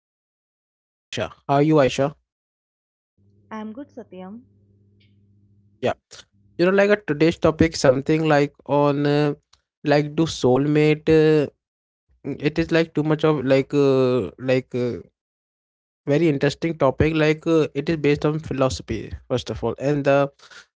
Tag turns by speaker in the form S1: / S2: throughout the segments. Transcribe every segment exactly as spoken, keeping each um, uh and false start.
S1: is our co-host Aisha. How are you, Aisha?
S2: I'm good, Satyam.
S1: Yeah. You know, like a today's topic something like on uh, like do soulmate uh, it is like too much of like uh, like uh, very interesting topic like uh, it is based on philosophy first of all, and the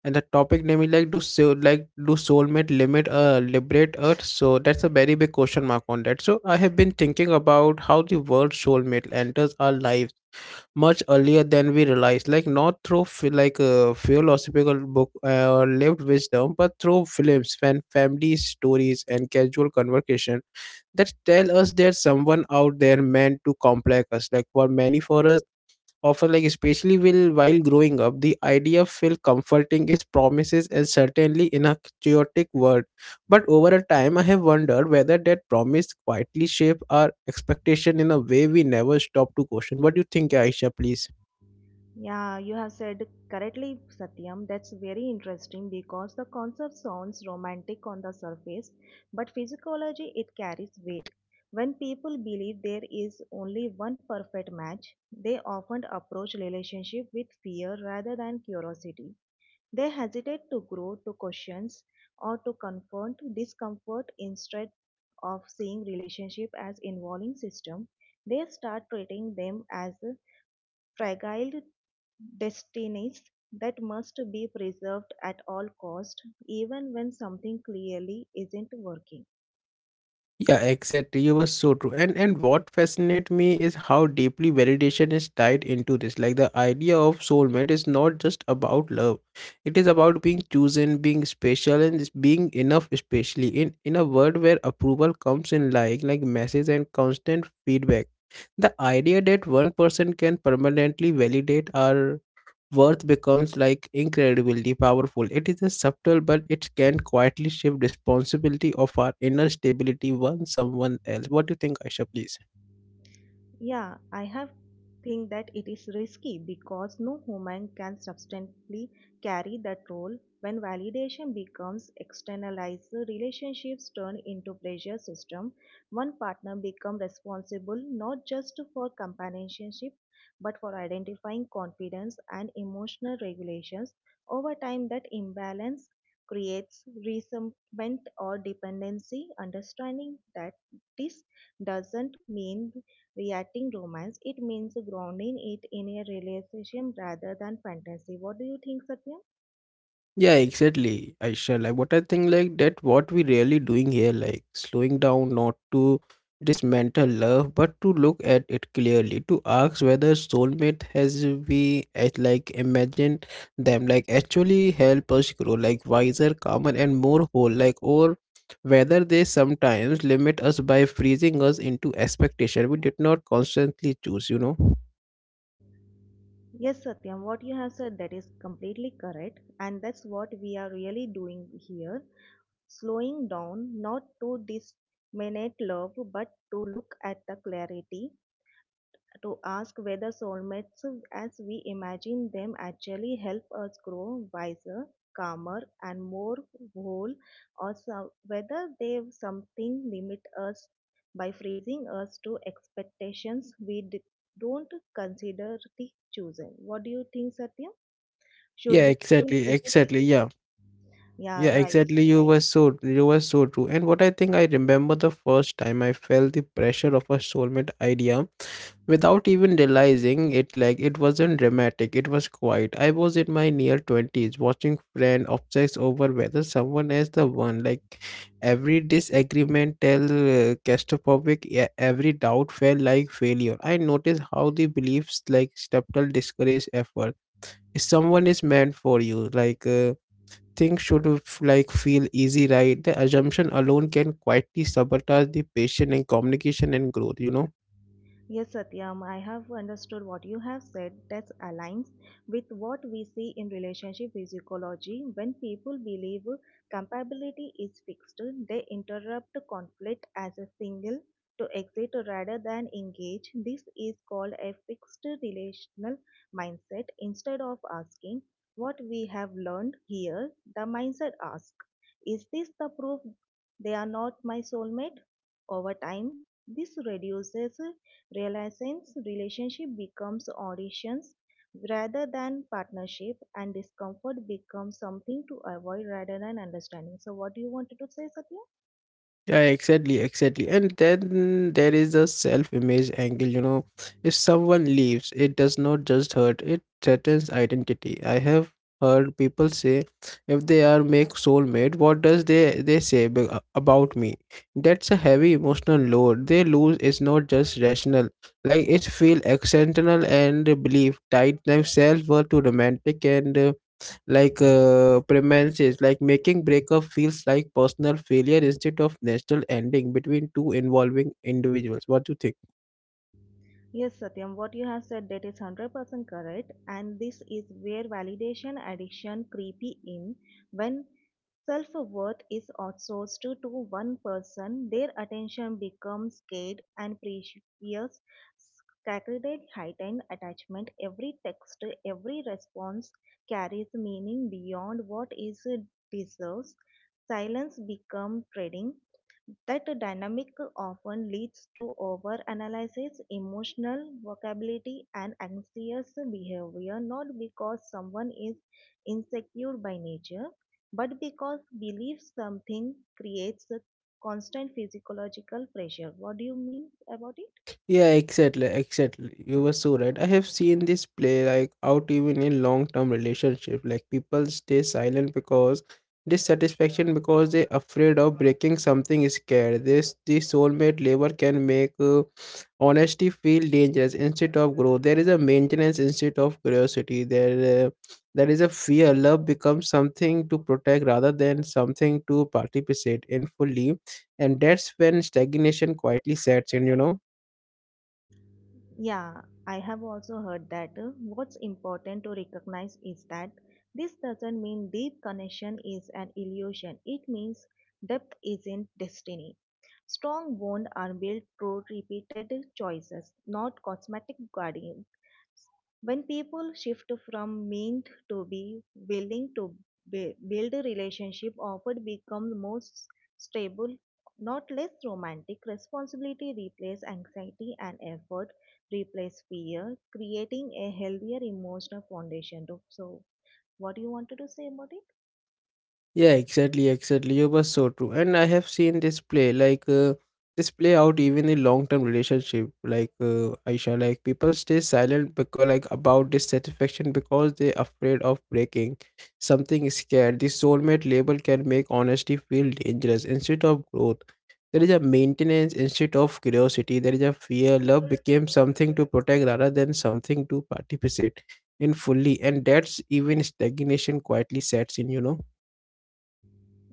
S1: and the topic name is like do soul like do soulmate limit uh liberate earth, so that's a very big question mark on that. So I have been thinking about how the word soulmate enters our lives much earlier than we realize, like not through phi- like uh, philosophical book uh, or lived wisdom, but through films, fan family stories and casual conversation that tell us there's someone out there meant to complex us. Like for many for us often, like especially will while growing up, the idea feel comforting as promises and certainly in a chaotic world. But over a time I have wondered whether that promise quietly shape our expectation in a way we never stop to question. What do you think, Aisha, please?
S2: Yeah, you have said correctly, Satyam. That's very interesting because the concept sounds romantic on the surface, but physiology it carries weight. When people believe there is only one perfect match, they often approach relationship with fear rather than curiosity. They hesitate to grow, to questions, or to confront discomfort instead of seeing relationship as involving system. They start treating them as fragile destinies that must be preserved at all cost even when something clearly isn't working.
S1: Yeah, exactly. You were so true. And and what fascinates me is how deeply validation is tied into this. Like the idea of soulmate is not just about love. It is about being chosen, being special, and s- being enough, especially in in a world where approval comes in like like messages and constant feedback. The idea that one person can permanently validate our worth becomes like incredibly powerful. It is a subtle, but it can quietly shift responsibility of our inner stability on someone else. What do you think, Aisha, please?
S2: Yeah, I have think that it is risky because no human can substantially carry that role when validation becomes externalized relationships turn into pressure system. One partner become responsible not just for companionship but for identifying confidence and emotional regulations. Over time that imbalance creates resentment or dependency. Understanding that this doesn't mean reacting romance, it means grounding it in a realization rather than fantasy. What do you think, Satyam?
S1: Yeah, exactly. I shall. Like what I think, like that what we really doing here, like slowing down not to dismantle love, but to look at it clearly, to ask whether soulmate has we as like imagine them, like actually help us grow like wiser, calmer and more whole, like or whether they sometimes limit us by freezing us into expectation we did not constantly choose, you know?
S2: Yes, Satyam, what you have said that is completely correct, and that's what we are really doing here. Slowing down, not to disminute love, but to look at the clarity to ask whether soulmates, as we imagine them, actually help us grow wiser, calmer, and more whole, or so- whether they something limit us by freezing us to expectations we d- don't consider the chosen. What do you think, Satya? Should
S1: Yeah,
S2: we feel
S1: exactly,
S2: easily?
S1: exactly. Yeah.
S2: Yeah,
S1: Yeah,
S2: right.
S1: exactly. You were so you were so true. And what I think, I remember the first time I felt the pressure of a soulmate idea without even realizing it, like it wasn't dramatic, it was quiet. I was in my near twenties watching friend obsess over whether someone is the one. Like every disagreement tell uh, claustrophobic, e- every doubt felt like failure. I noticed how the beliefs like subtle discourage effort. If someone is meant for you, like uh, things should f- like feel easy, right, the assumption alone can quietly sabotage the patient and communication and growth, you know.
S2: Yes, Satyam, I have understood what you have said that aligns with what we see in relationship physiology. When people believe compatibility is fixed, they interrupt conflict as a single to exit rather than engage. This is called a fixed relational mindset. Instead of asking what we have learned here, the mindset asks, is this the proof they are not my soulmate? Over time, this reduces realizations, relationship becomes auditions rather than partnership and discomfort becomes something to avoid rather than understanding. So what do you wanted to say, Satya?
S1: Yeah, exactly, exactly. And then there is the self image angle, you know. If someone leaves, it does not just hurt, it threatens identity. I have heard people say, if they are make soulmate, what does they they say be- uh, about me? That's a heavy emotional load. They lose is not just rational. Like it's feel external and belief tied themselves were to romantic and uh, like uh, premises, like making breakup feels like personal failure instead of national ending between two involving individuals. What do you think?
S2: Yes, Satyam, what you have said that is one hundred percent correct and this is where validation addiction creepy in when self worth is outsourced to to one person, their attention becomes scared and precious. Sacred heightened attachment, every text, every response carries meaning beyond what is deserves. Silence becomes trading. That dynamic often leads to overanalysis, emotional vocabulary, and anxious behavior, not because someone is insecure by nature, but because belief something creates a constant physiological pressure. What do you mean about it?
S1: Yeah, exactly, exactly. You were so right. I have seen this play like out even in long-term relationship. Like people stay silent because dissatisfaction because they afraid of breaking something scared. This the soulmate labor can make uh, honesty feel dangerous instead of growth. There is a maintenance instead of curiosity. There, uh, there is a fear. Love becomes something to protect rather than something to participate in fully, and that's when stagnation quietly sets in. You know.
S2: Yeah, I have also heard that uh, what's important to recognize is that this doesn't mean deep connection is an illusion. It means depth isn't destiny. Strong bonds are built through repeated choices, not cosmetic guardians. When people shift from meant to be willing to bu- build a relationship, often become more stable, not less romantic. Responsibility replaces anxiety and effort replace fear, creating a healthier emotional foundation. To- So, what do you wanted to say about it?
S1: Yeah, exactly, exactly. You were so true. And I have seen this play, like uh, this play out even in long-term relationship. Like uh, Aisha, like people stay silent because like about dissatisfaction because they're afraid of breaking something scared. The soulmate label can make honesty feel dangerous instead of growth. There is a maintenance instead of curiosity. There is a fear. Love became something to protect rather than something to participate in fully. And that's even stagnation quietly sets in, you know.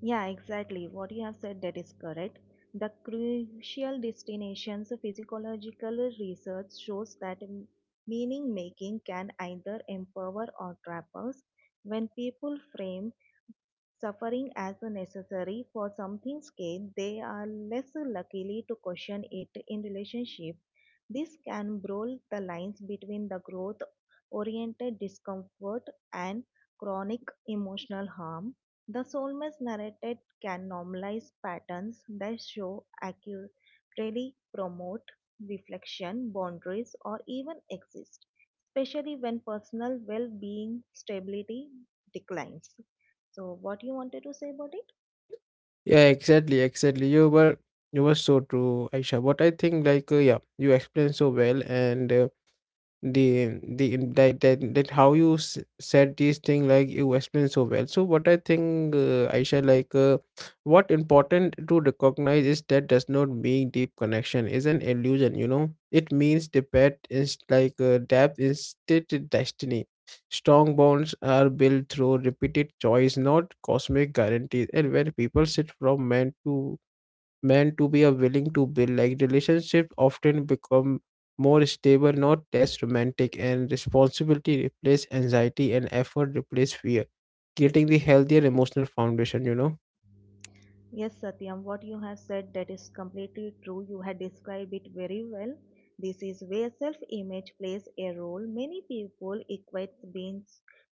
S2: Yeah, exactly. What you have said that is correct. The crucial destinations of physiological research shows that m- meaning making can either empower or trap us. When people frame suffering as necessary for something's gain, they are less likely to question it in relationship. This can blur the lines between the growth oriented discomfort and chronic emotional harm. The soulmate's narrative can normalize patterns that show accurately promote reflection, boundaries, or even exist, especially when personal well being stability declines. So, what you wanted to say about it?
S1: Yeah, exactly, exactly. You were you were so true, Aisha. What I think, like, uh, yeah, you explained so well, and uh, the the that that, that how you s- said these thing, like you explained so well. So what I think, uh, Aisha, like uh, what important to recognize is that does not mean deep connection is an illusion, you know, it means the depth is like uh, depth instead destiny. Strong bonds are built through repeated choice, not cosmic guarantees, and when people sit from man to meant to be a willing to build like relationships, often become more stable, not less romantic, and responsibility replace anxiety and effort replace fear, creating the healthier emotional foundation, you know.
S2: Yes, Satyam, what you have said that is completely true. You had described it very well. This is where self-image plays a role. Many people equate being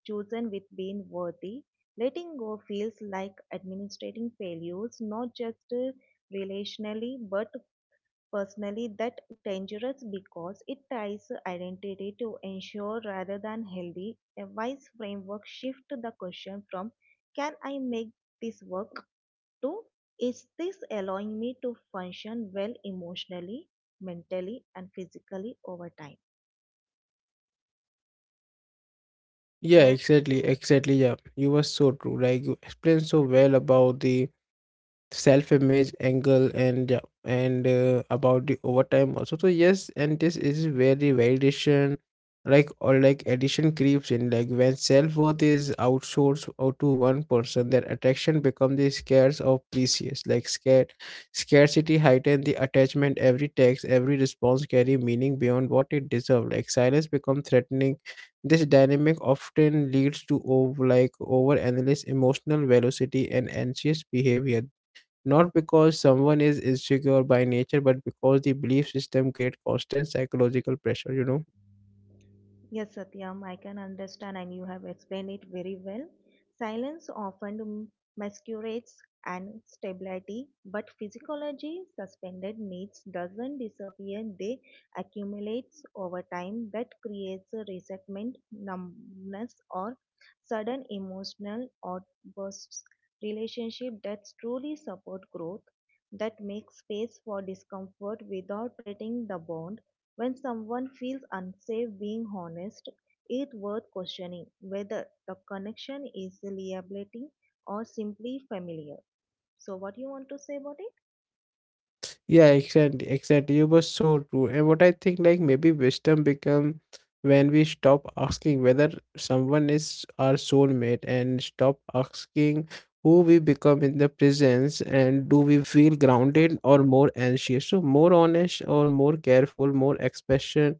S2: chosen with being worthy. Letting go feels like administrating failures, not just uh, relationally but personally that dangerous because it ties identity to ensure rather than healthy. A wise framework shifts the question from can I make this work to is this allowing me to function well emotionally, mentally, and physically over time?
S1: Yeah,
S2: So,
S1: exactly, exactly, yeah, you were so true, like you explained so well about the self image angle, and yeah, and uh, about the overtime also. So yes, and this is where the validation like or like addition creeps in, like when self-worth is outsourced out to one person, their attraction becomes the scarce or precious, like scared scarcity heighten the attachment, every text, every response carry meaning beyond what it deserves, like silence becomes threatening. This dynamic often leads to over like over analysis, emotional velocity and anxious behavior, not because someone is insecure by nature, but because the belief system creates constant psychological pressure, you know?
S2: yes, Satyam, I can understand, and you have explained it very well. Silence often masquerades and stability, but physiology suspended needs doesn't disappear; they accumulate over time. That creates a resentment, numbness, or sudden emotional outbursts. Relationship that truly support growth, that makes space for discomfort without treating the bond when someone feels unsafe being honest, it's worth questioning whether the connection is liability or simply familiar. So, what do you want to say about it?
S1: Yeah, exactly, exactly. You were so true. And what I think, like, maybe wisdom become when we stop asking whether someone is our soulmate and stop asking who we become in the presence, and do we feel grounded or more anxious, so more honest or more careful, more expression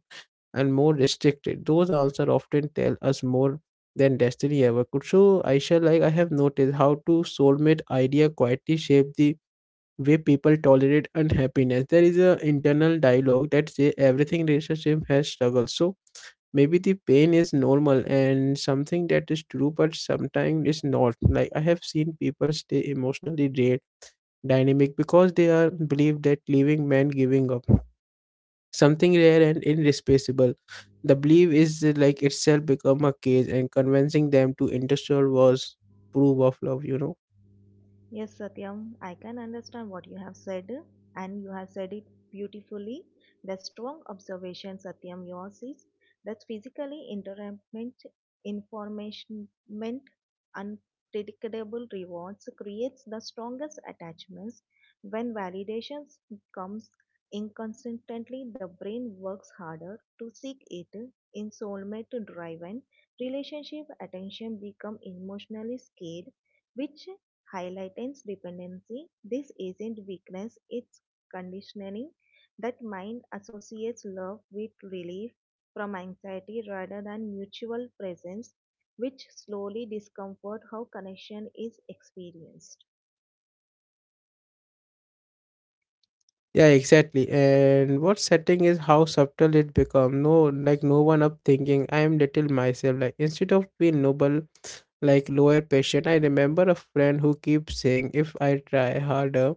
S1: and more restricted. Those answers often tell us more than destiny ever could. So, Aisha, like I have noticed how to soulmate idea quietly shape the way people tolerate unhappiness. There is an internal dialogue that say everything relationship has struggle. So maybe the pain is normal, and something that is true, but sometimes it's not. Like I have seen people stay emotionally drained, dynamic because they are believe that leaving meant giving up something rare and irreplaceable. The belief is uh, like itself become a cage, and convincing them to interfere was proof of love. You know.
S2: Yes, Satyam, I can understand what you have said, and you have said it beautifully. The strong observation, Satyam, yours is that physically intermittent information unpredictable rewards creates the strongest attachments. When validations comes inconsistently, the brain works harder to seek it. In soulmate driven relationship, attention become emotionally scared which highlightens dependency. This isn't weakness, it's conditioning. That mind associates love with relief from anxiety rather than mutual presence, which slowly discomfort how connection is experienced.
S1: Yeah, exactly. And what setting is how subtle it become. No, like no one up thinking I am little myself. Like instead of being noble, like lower patient, I remember a friend who keeps saying, if I try harder,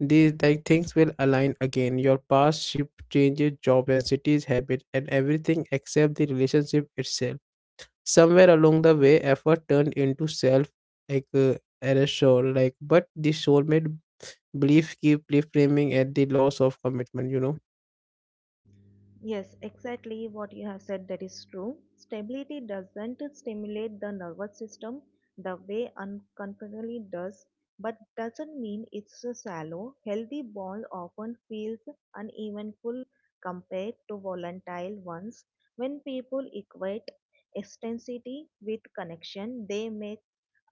S1: these like things will align again. Your past ship changes, job and city's habit, and everything except the relationship itself. Somewhere along the way, effort turned into self like uh, erasure, like but the soulmate belief keep reframing at the loss of commitment. You know.
S2: Yes, exactly what you have said that is true. Stability doesn't stimulate the nervous system the way uncomfortably does, but doesn't mean it's a shallow. Healthy ball often feels unevenful compared to volatile ones. When people equate intensity with connection, they make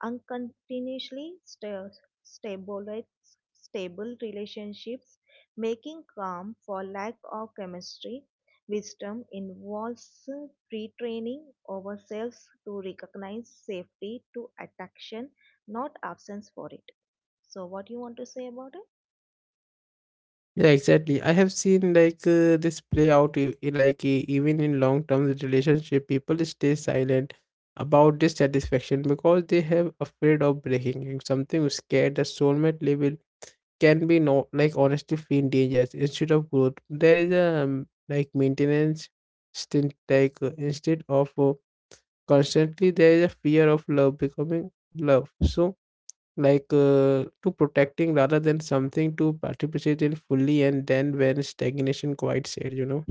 S2: uncontinuously sta- stabulates stable relationships, making calm for lack of chemistry. Wisdom involves retraining ourselves to recognize safety to attraction, not absence for it. So, what you want to say about it?
S1: Yeah, exactly. I have seen like uh, this play out e- e- like e- even in long term relationship, people stay silent about dissatisfaction because they have afraid of breaking. If something is scared, the soulmate level can be no, like honestly feel dangerous instead of growth. There is a um, like maintenance stint, like uh, instead of uh, constantly there is a fear of love becoming love. So like uh, to protecting rather than something to participate in fully, and then when stagnation quite said, you know.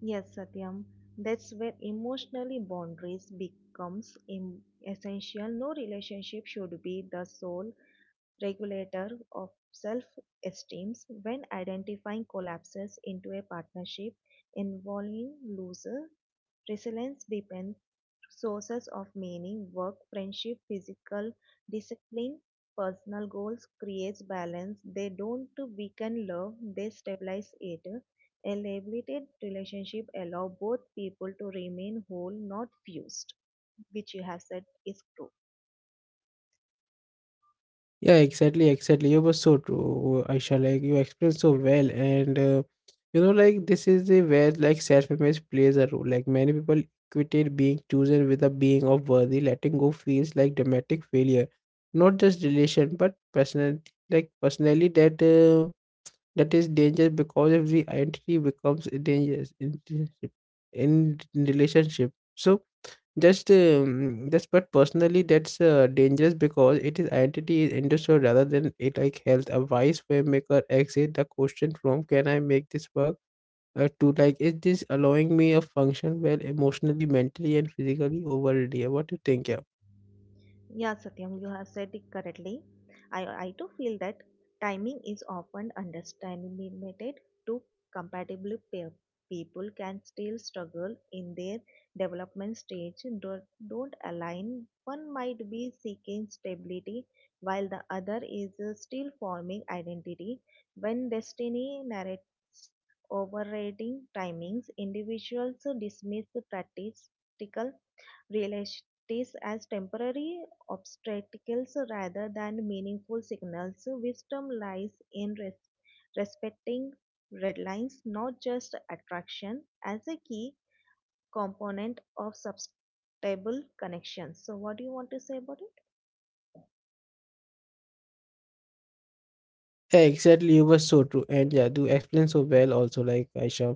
S2: Yes, Satyam. That's where emotionally boundaries becomes im- essential. No relationship should be the sole regulator of self-esteem when identifying collapses into a partnership involving loser. Resilience depends sources of meaning, work, friendship, physical discipline, personal goals creates balance. They don't weaken love, they stabilize it. A liberated relationship allow both people to remain whole, not fused, which you have said is true.
S1: Yeah, exactly, exactly. You were so true, Aisha. Like you explained so well, and uh, you know, like this is a where like self-image plays a role. Like many people equated being chosen with a being of worthy. Letting go feels like dramatic failure, not just relation, but personal. Like personally, that uh, that is dangerous because if the identity becomes dangerous in in relationship. So just um, that's but personally that's uh, dangerous because it is identity is industrial rather than it like health. A wise filmmaker exit the question from, can I make this work uh, to like, is this allowing me a function well emotionally, mentally, and physically over a day? What do you think? Yeah.
S2: Yeah, Satyam, you have said it correctly. I, I too feel that timing is often underestimated. Two compatible pair. People can still struggle in their development stage don't, don't align. One might be seeking stability while the other is uh, still forming identity. When destiny narrates overriding timings, individuals dismiss practical realities as temporary obstacles rather than meaningful signals. Wisdom lies in res- respecting red lines, not just attraction, as a key component of sustainable connections. So, what do you want to say about it?
S1: Exactly, you were so true, and yeah, do explain so well. Also, like Aisha,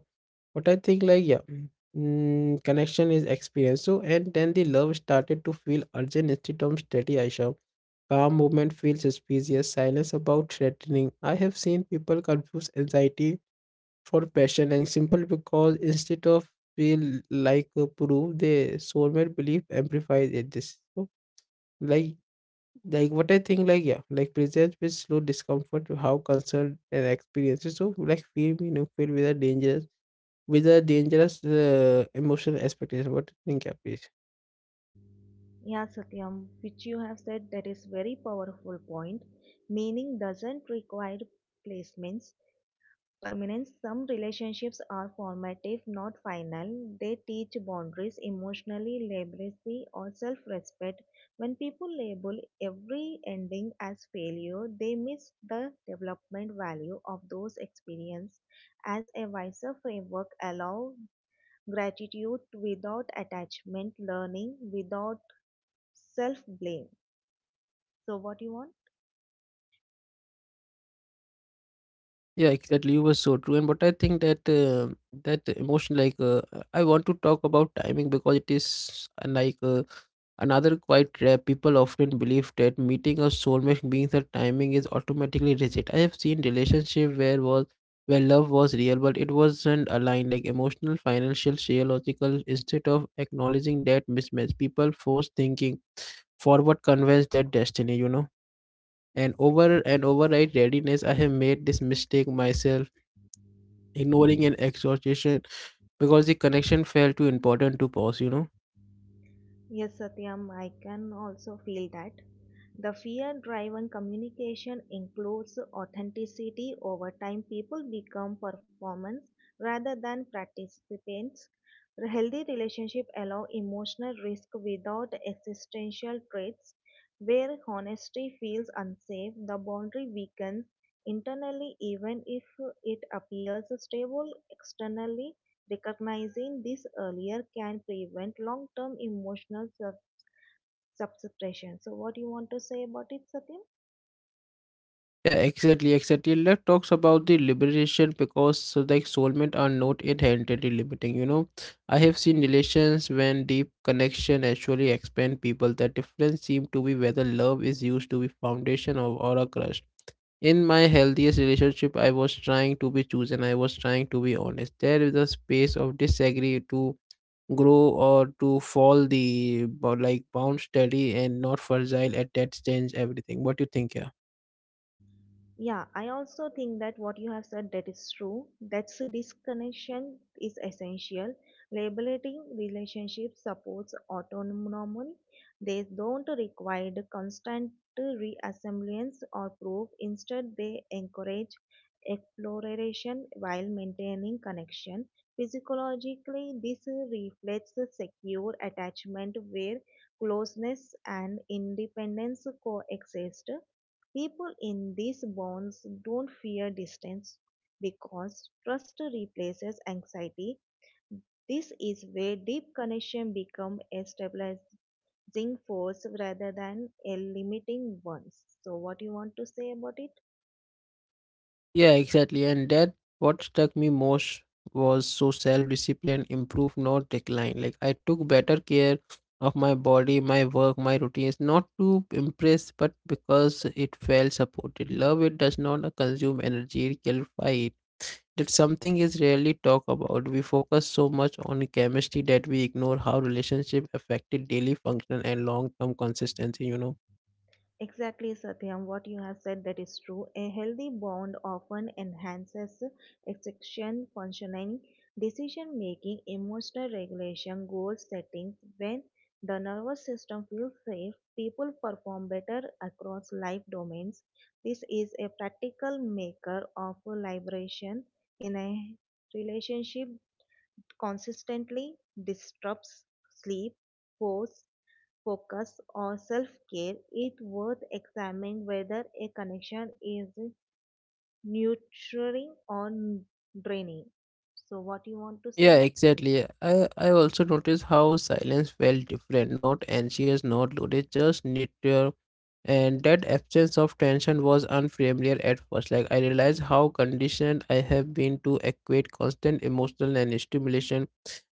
S1: what I think, like yeah, mm, connection is experience. So, and then the love started to feel urgent instead of steady. Aisha, calm movement feels suspicious. Silence about threatening. I have seen people confuse anxiety for passion, and simple because instead of feel like a proof, they soulmate belief amplifies it. This so, like like what I think, like yeah, like presents with slow discomfort to how concerned and experiences. So like feel, you know, filled with a dangerous with a dangerous uh, emotional expectation. What do you think, yeah, please?
S2: Yeah, Satyam, which you have said that is very powerful point. Meaning doesn't require placements. Permanence. Some relationships are formative, not final. They teach boundaries, emotionally literacy, or self respect. When people label every ending as failure, they miss the development value of those experiences. As a wiser framework, allow gratitude without attachment, learning without self blame. So, what you want?
S1: Yeah, exactly. You were so true. And but I think that uh, that emotion, like uh, I want to talk about timing because it is uh, like uh, another quite rare people often believe that meeting a soulmate means that timing is automatically rigid. I have seen relationship where was where love was real but it wasn't aligned like emotional, financial, geological. Instead of acknowledging that mismatch, people force thinking forward convince their destiny, you know. And over and override readiness, I have made this mistake myself, ignoring an exhortation because the connection felt too important to pause, you know.
S2: Yes, Satyam, I can also feel that. The fear driven communication includes authenticity. Over time, people become performance rather than participants. Healthy relationships allow emotional risk without existential threats. Where honesty feels unsafe, the boundary weakens internally, even if it appears stable externally recognizing this earlier can prevent long-term emotional sub suppression. So, what you want to say about it, Satyam?
S1: Yeah, exactly, exactly. Let talks about the liberation because uh, like soulmate are not inherently limiting. You know, I have seen relations when deep connection actually expand people. The difference seem to be whether love is used to be foundation or, or a crush. In my healthiest relationship, I was trying to be chosen. I was trying to be honest. There is a space of disagree to grow or to fall the bo- like bound steady and not fragile at that stage everything. What do you think? Yeah.
S2: Yeah, I also think that what you have said that is true. That's a disconnection is essential. Labeling relationship supports autonomy. They don't require the constant reassemblance or proof. Instead, they encourage exploration while maintaining connection. Physiologically, this reflects a secure attachment where closeness and independence coexist. People in these bonds don't fear distance because trust replaces anxiety. This is where deep connection become a stabilizing force rather than a limiting one. So what you want to say about it?
S1: Yeah, exactly. And that what struck me most was so self-discipline improved, not decline. Like I took better care of my body, my work, my routines, not to impress, but because it felt supported. Love it does not uh, consume energy, it clarify it. That something is rarely talked about. We focus so much on chemistry that we ignore how relationship affected daily function and long-term consistency, you know.
S2: Exactly, Satyam. What you have said that is true. A healthy bond often enhances execution functioning, decision making, emotional regulation, goal setting. When the nervous system feels safe, people perform better across life domains. This is a practical maker of liberation in a relationship consistently disrupts sleep, focus, focus or self-care, it's worth examining whether a connection is nurturing or draining. So, what you want to say
S1: Yeah,
S2: about?
S1: exactly. I, I also noticed how silence felt different, not anxious, not loaded, just neutral. And that absence of tension was unfamiliar at first. Like, I realized how conditioned I have been to equate constant emotional and stimulation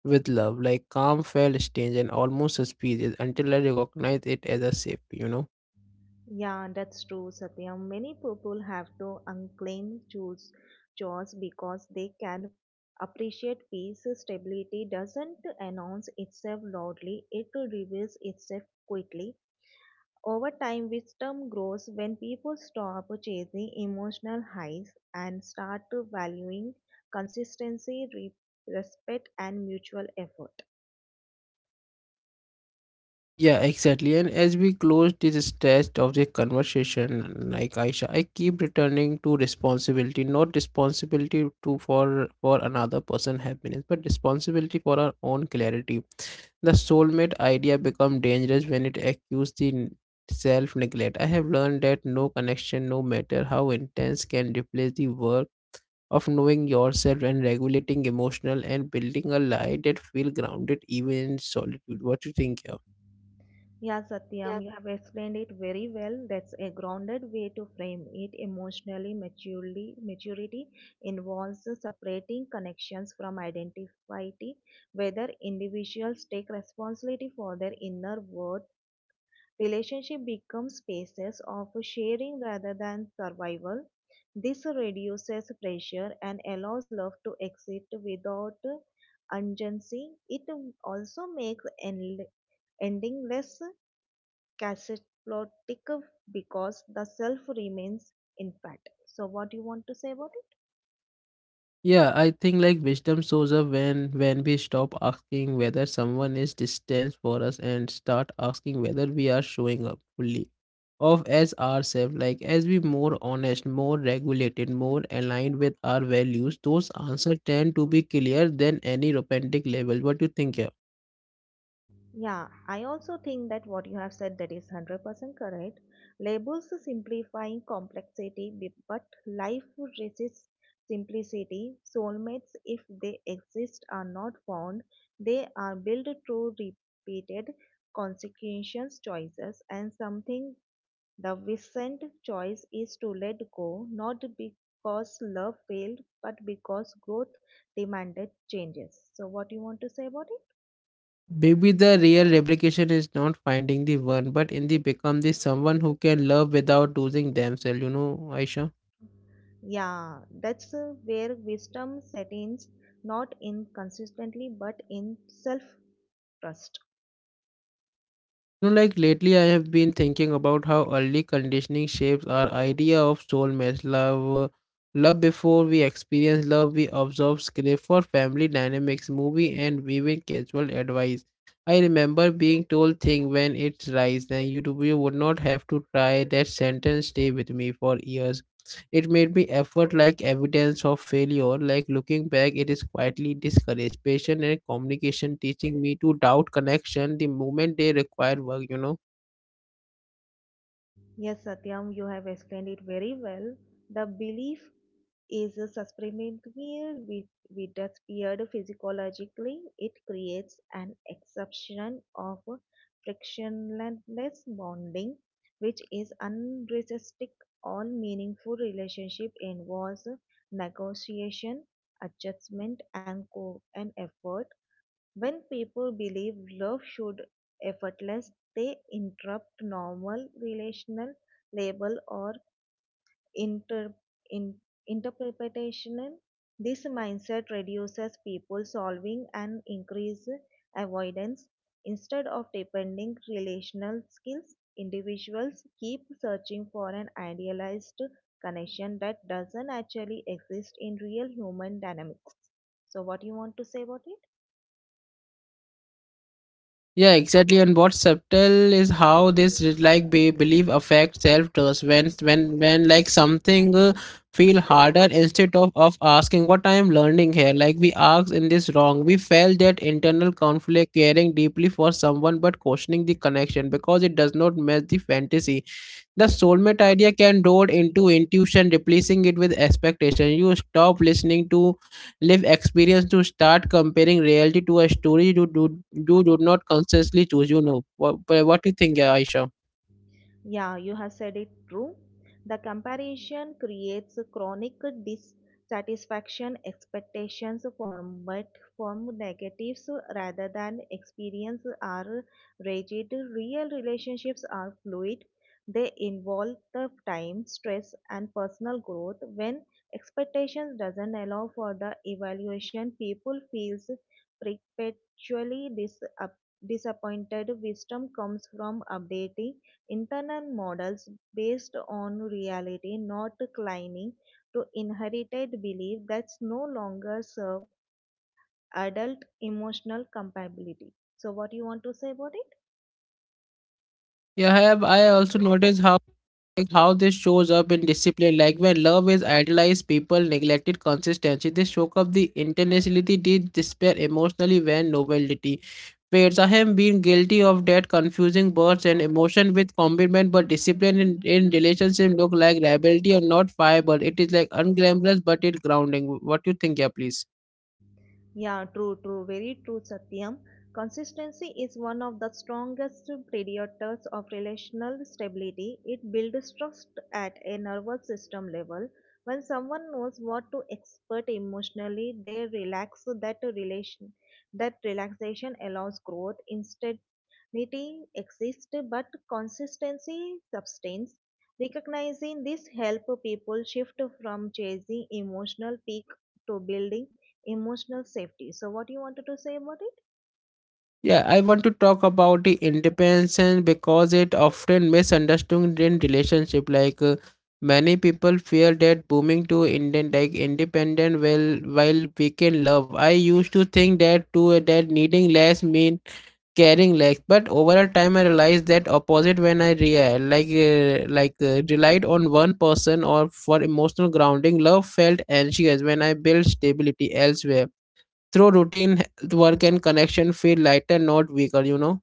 S1: with love. Like, calm felt strange and almost suspicious until I recognized it as a safety, you know.
S2: Yeah, that's true, Satya. Many people have to unclaim choose, chores because they can appreciate peace. Stability doesn't announce itself loudly; it reveals itself quickly. Over time, wisdom grows when people stop chasing emotional highs and start to valuing consistency, re- respect, and mutual effort.
S1: Yeah, exactly. And as we close this stage of the conversation, like Aisha, I keep returning to responsibility, not responsibility to for for another person happiness, but responsibility for our own clarity. The soulmate idea become dangerous when it accuses the self neglect. I have learned that no connection, no matter how intense, can replace the work of knowing yourself and regulating emotional and building a life that feel grounded even in solitude. What do you think here?
S2: Yeah, Satyam, you have explained it very well. That's a grounded way to frame it. Emotionally maturely, maturity involves separating connections from identity, whether individuals take responsibility for their inner world. Relationship become spaces of sharing rather than survival. This reduces pressure and allows love to exist without urgency. It also makes end- ending less catastrophic because the self remains intact. So, what do you want to say about it?
S1: Yeah, I think like wisdom shows up when when we stop asking whether someone is distant for us and start asking whether we are showing up fully of as ourselves. Like as we more honest, more regulated, more aligned with our values, those answers tend to be clearer than any romantic label. What do you think here?
S2: Yeah, I also think that what you have said that is one hundred percent correct. Labels are simplifying complexity, b- but life resists simplicity. Soulmates, if they exist, are not found. They are built through repeated consequential choices and something the recent choice is to let go, not because love failed, but because growth demanded changes. So what do you want to say about it?
S1: Maybe the real replication is not finding the one, but in the become the someone who can love without losing themselves. You know, Aisha.
S2: Yeah, that's uh, where wisdom set in, not in consistently but in self trust.
S1: You know, like lately, I have been thinking about how early conditioning shapes our idea of soulmates love. Love before we experience love, we observe script for family dynamics, movie, and weaving casual advice. I remember being told thing when it's rise, then you, do- you would not have to try. That sentence stay with me for years. It made me effort like evidence of failure, like looking back, it is quietly discouraged. Patience and communication teaching me to doubt connection the moment they require work, you know.
S2: Yes, Satyam, you have explained it very well. The belief is a supremacy with with that appeared physiologically. It creates an exception of frictionless bonding, which is unresistic. All meaningful relationship involves negotiation, adjustment, and co- and effort. When people believe love should effortless, they interrupt normal relational label or inter, in, interpretation. This mindset reduces people solving and increase avoidance. Instead of depending relational skills, individuals keep searching for an idealized connection that doesn't actually exist in real human dynamics. So what do you want to say about it?
S1: Yeah, exactly. And what's subtle is how this is like be, belief affects self trust when when when like something uh, feel harder instead of of asking what I am learning here. Like we asked in this wrong, we felt that internal conflict, caring deeply for someone but questioning the connection because it does not match the fantasy. The soulmate idea can roll into intuition, replacing it with expectation. You stop listening to live experience to start comparing reality to a story you do you do not consciously choose. You know what? What do you think, Aisha?
S2: Yeah, you have said it true. The comparison creates chronic dissatisfaction, expectations form but form negatives rather than experience are rigid. Real relationships are fluid. They involve the time, stress and personal growth. When expectations doesn't allow for the evaluation, people feels perpetually dis- disappointed. Wisdom comes from updating internal models based on reality, not clinging to inherited belief that's no longer serve adult emotional compatibility. So, what you want to say about it?
S1: Yeah, I have. I also noticed how like how this shows up in discipline. Like when love is idealized, people neglected consistency. They shook up the intentionality, they despair emotionally when novelty fades. I have been guilty of that, confusing words and emotion with commitment, but discipline in, in relationship look like liability or not fire, but it is like unglamorous, but it grounding. What you think, yeah, please?
S2: Yeah, true, true, very true, Satyam. Consistency is one of the strongest predictors of relational stability. It builds trust at a nervous system level. When someone knows what to expect emotionally, they relax that relation. That relaxation allows growth instead. Unity exists, but consistency sustains. Recognizing this helps people shift from chasing emotional peak to building emotional safety. So, what you wanted to say about it?
S1: Yeah, I want to talk about the independence because it often misunderstood in relationship. Like uh, many people fear that booming to Indian like independent will while we can love. I used to think that too that needing less mean caring less, but over a time I realized that opposite when I real like uh, like uh, relied on one person or for emotional grounding. Love felt anxious when I built stability elsewhere through routine health work and connection feel lighter not weaker you know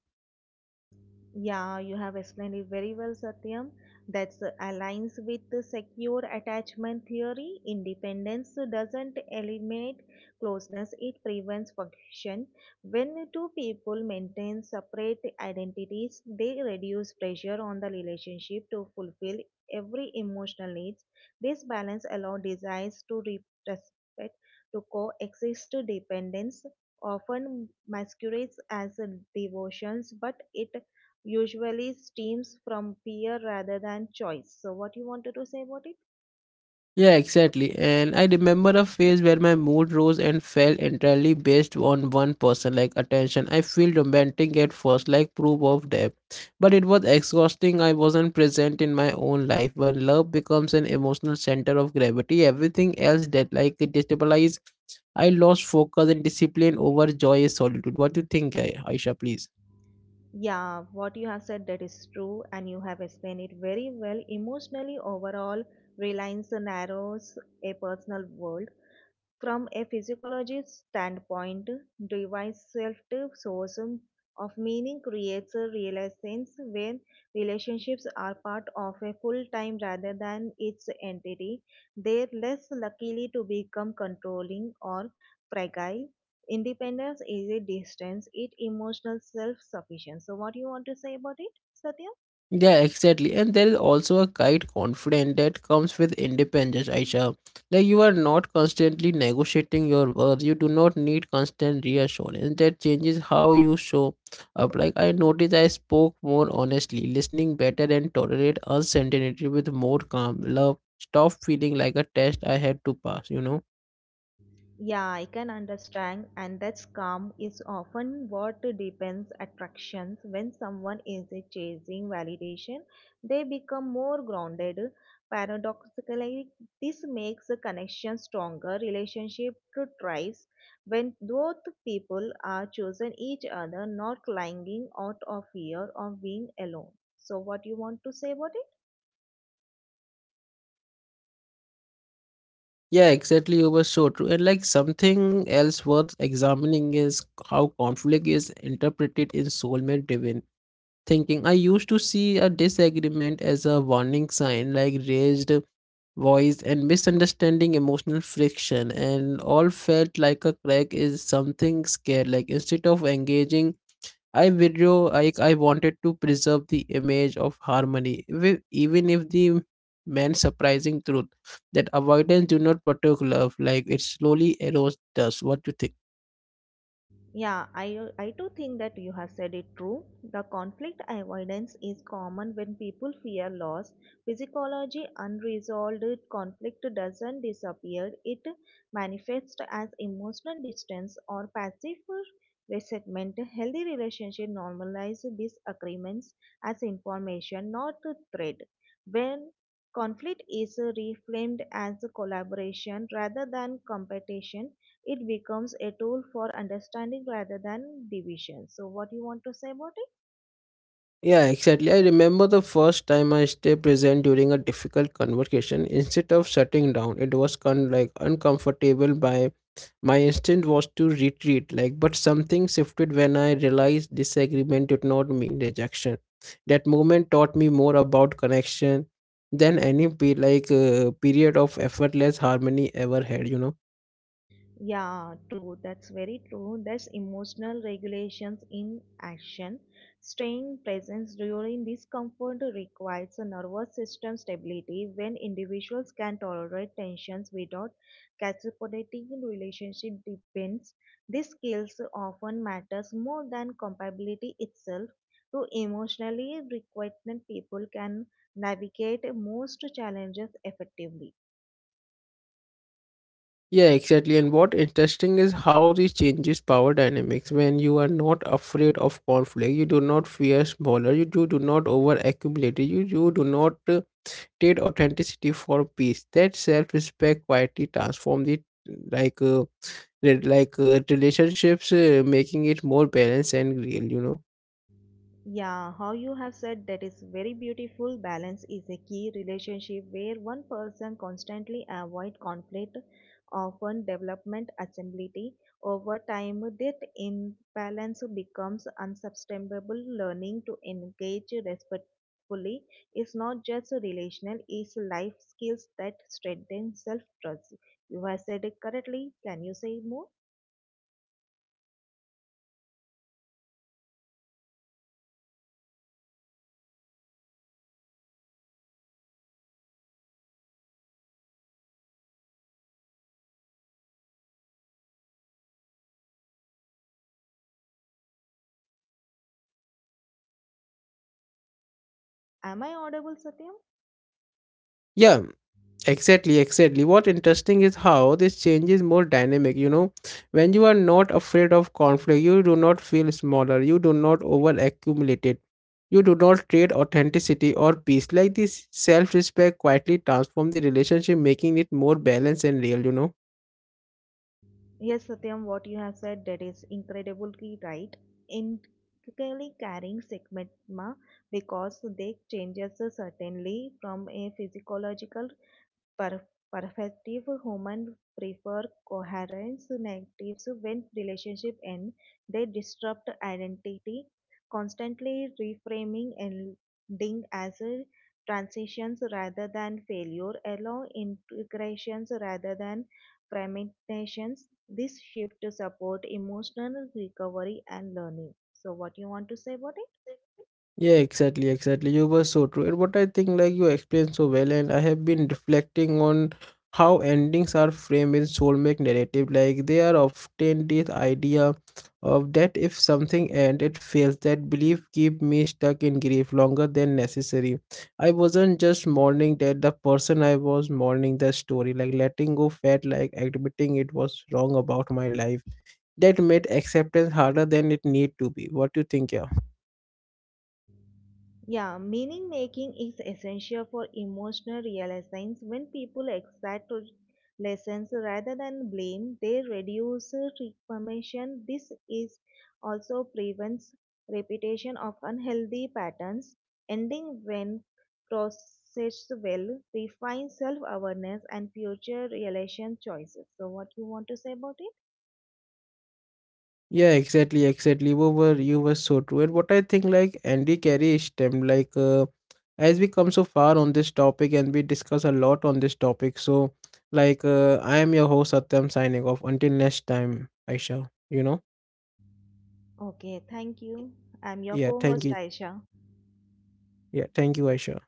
S2: Yeah, you have explained it very well, Satyam. That aligns with the secure attachment theory. Independence doesn't eliminate closeness, it prevents friction. When two people maintain separate identities, they reduce pressure on the relationship to fulfill every emotional needs. This balance allows desires to re- respect to coexist dependence often masquerades as a devotions but it usually stems from fear rather than choice. So, what you wanted to say about it?
S1: yeah exactly and I remember a phase where my mood rose and fell entirely based on one person like attention I feel romantic at first like proof of depth but it was exhausting I wasn't present in my own life when love becomes an emotional center of gravity everything else that like it destabilizes I lost focus and discipline over joy and solitude what do you think Ai- aisha please.
S2: Yeah, what you have said that is true, and you have explained it very well. Emotionally, overall, reliance narrows a personal world. From a physiologist's standpoint, device self sources of meaning creates a realization when relationships are part of a full time rather than its entity. They're less likely to become controlling or fragile. Independence is a distance, it emotional self sufficient. So what do you want to say about it, Satya?
S1: Yeah, exactly. And there is also a quiet confidence that comes with independence, Aisha. Like you are not constantly negotiating your worth. You do not need constant reassurance. That changes how you show up. Like I noticed I spoke more honestly, listening better and tolerate uncertainty with more calm. Love stop feeling like a test I had to pass, you know?
S2: Yeah, I can understand, and that's calm is often what deepens attractions. When someone is chasing validation, they become more grounded. Paradoxically, this makes a connection stronger, relationship thrives when both people are choosing each other, not clinging out of fear of being alone. So, what you want to say about it?
S1: Yeah, exactly. You were so true. And like something else worth examining is how conflict is interpreted in soulmate divinity thinking. I used to see a disagreement as a warning sign, like raised voice and misunderstanding, emotional friction, and all felt like a crack is something scared. Like instead of engaging, I withdrew. I I wanted to preserve the image of harmony, wi- even if the meant surprising truth that avoidance do not protect love. Like it slowly erodes us. What do you think?
S2: Yeah, I, I too think that you have said it true. The conflict avoidance is common when people fear loss. Physiology unresolved conflict doesn't disappear, it manifests as emotional distance or passive resentment. Healthy relationship normalize disagreements as information, not a threat. When conflict is reframed as collaboration rather than competition, it becomes a tool for understanding rather than division. So, what you want to say about it?
S1: Yeah, exactly. I remember the first time I stayed present during a difficult conversation. Instead of shutting down, it was con- like uncomfortable. By my instinct was to retreat. Like, but something shifted when I realized disagreement did not mean rejection. That moment taught me more about connection than any pe- like uh, period of effortless harmony ever had. You know.
S2: Yeah, true. That's very true. That's emotional regulations in action. Staying present during discomfort requires a nervous system stability when individuals can tolerate tensions without catastrophic relationship depends. These skills often matters more than compatibility itself. To emotionally requited people can navigate most challenges effectively.
S1: Yeah, exactly. And what interesting is how this changes power dynamics. When you are not afraid of conflict, you do not fear smaller, you do, do not over accumulate, you, you do not uh, trade authenticity for peace. That self respect quietly transforms the like uh, re- like uh, relationships, uh, making it more balanced and real. You know.
S2: Yeah, how you have said that is very beautiful. Balance is a key relationship where one person constantly avoid conflict, often development assembly. Over time, that imbalance becomes unsustainable. Learning to engage respectfully is not just relational; it's life skills that strengthen self-trust. You have said it correctly. Can you say more? Am I audible, Satyam?
S1: Yeah, Exactly, exactly. What interesting is how this change is more dynamic, you know. When you are not afraid of conflict, you do not feel smaller, you do not over accumulate it. You do not trade authenticity or peace. Like this self respect quietly transforms the relationship, making it more balanced and real, you know.
S2: Yes, Satyam, what you have said that is incredibly right. Intrinsically carrying stigma because they changes certainly from a physiological Per- perfective humans prefer coherence negatives when relationships end. They disrupt identity, constantly reframing ending as a transitions rather than failure, allow integrations rather than fragmentations. This shift support emotional recovery and learning. So, what you want to say about it?
S1: Yeah, exactly, exactly. You were so true. And what I think, like you explained so well, and I have been reflecting on how endings are framed in soulmate narrative. Like they are often this idea of that if something ends, it fails, that belief keep me stuck in grief longer than necessary. I wasn't just mourning that the person I was mourning the story. Like letting go felt like admitting it was wrong about my life. That made acceptance harder than it need to be. What do you think, yeah?
S2: Yeah, meaning making is essential for emotional realizations. When people accept to lessons rather than blame, they reduce reformation. This is also prevents repetition of unhealthy patterns, ending when processed well, refines self-awareness and future relation choices. So, what you want to say about it?
S1: Yeah, exactly, exactly. You were you were so true. And what I think like Andy Carey stemmed like uh, as we come so far on this topic and we discuss a lot on this topic. So like uh, I am your host Satyam signing off. Until next time, Aisha. You know?
S2: Okay, thank you. I'm your
S1: Yeah, thank
S2: co-host
S1: you.
S2: Aisha.
S1: Yeah, thank you, Aisha.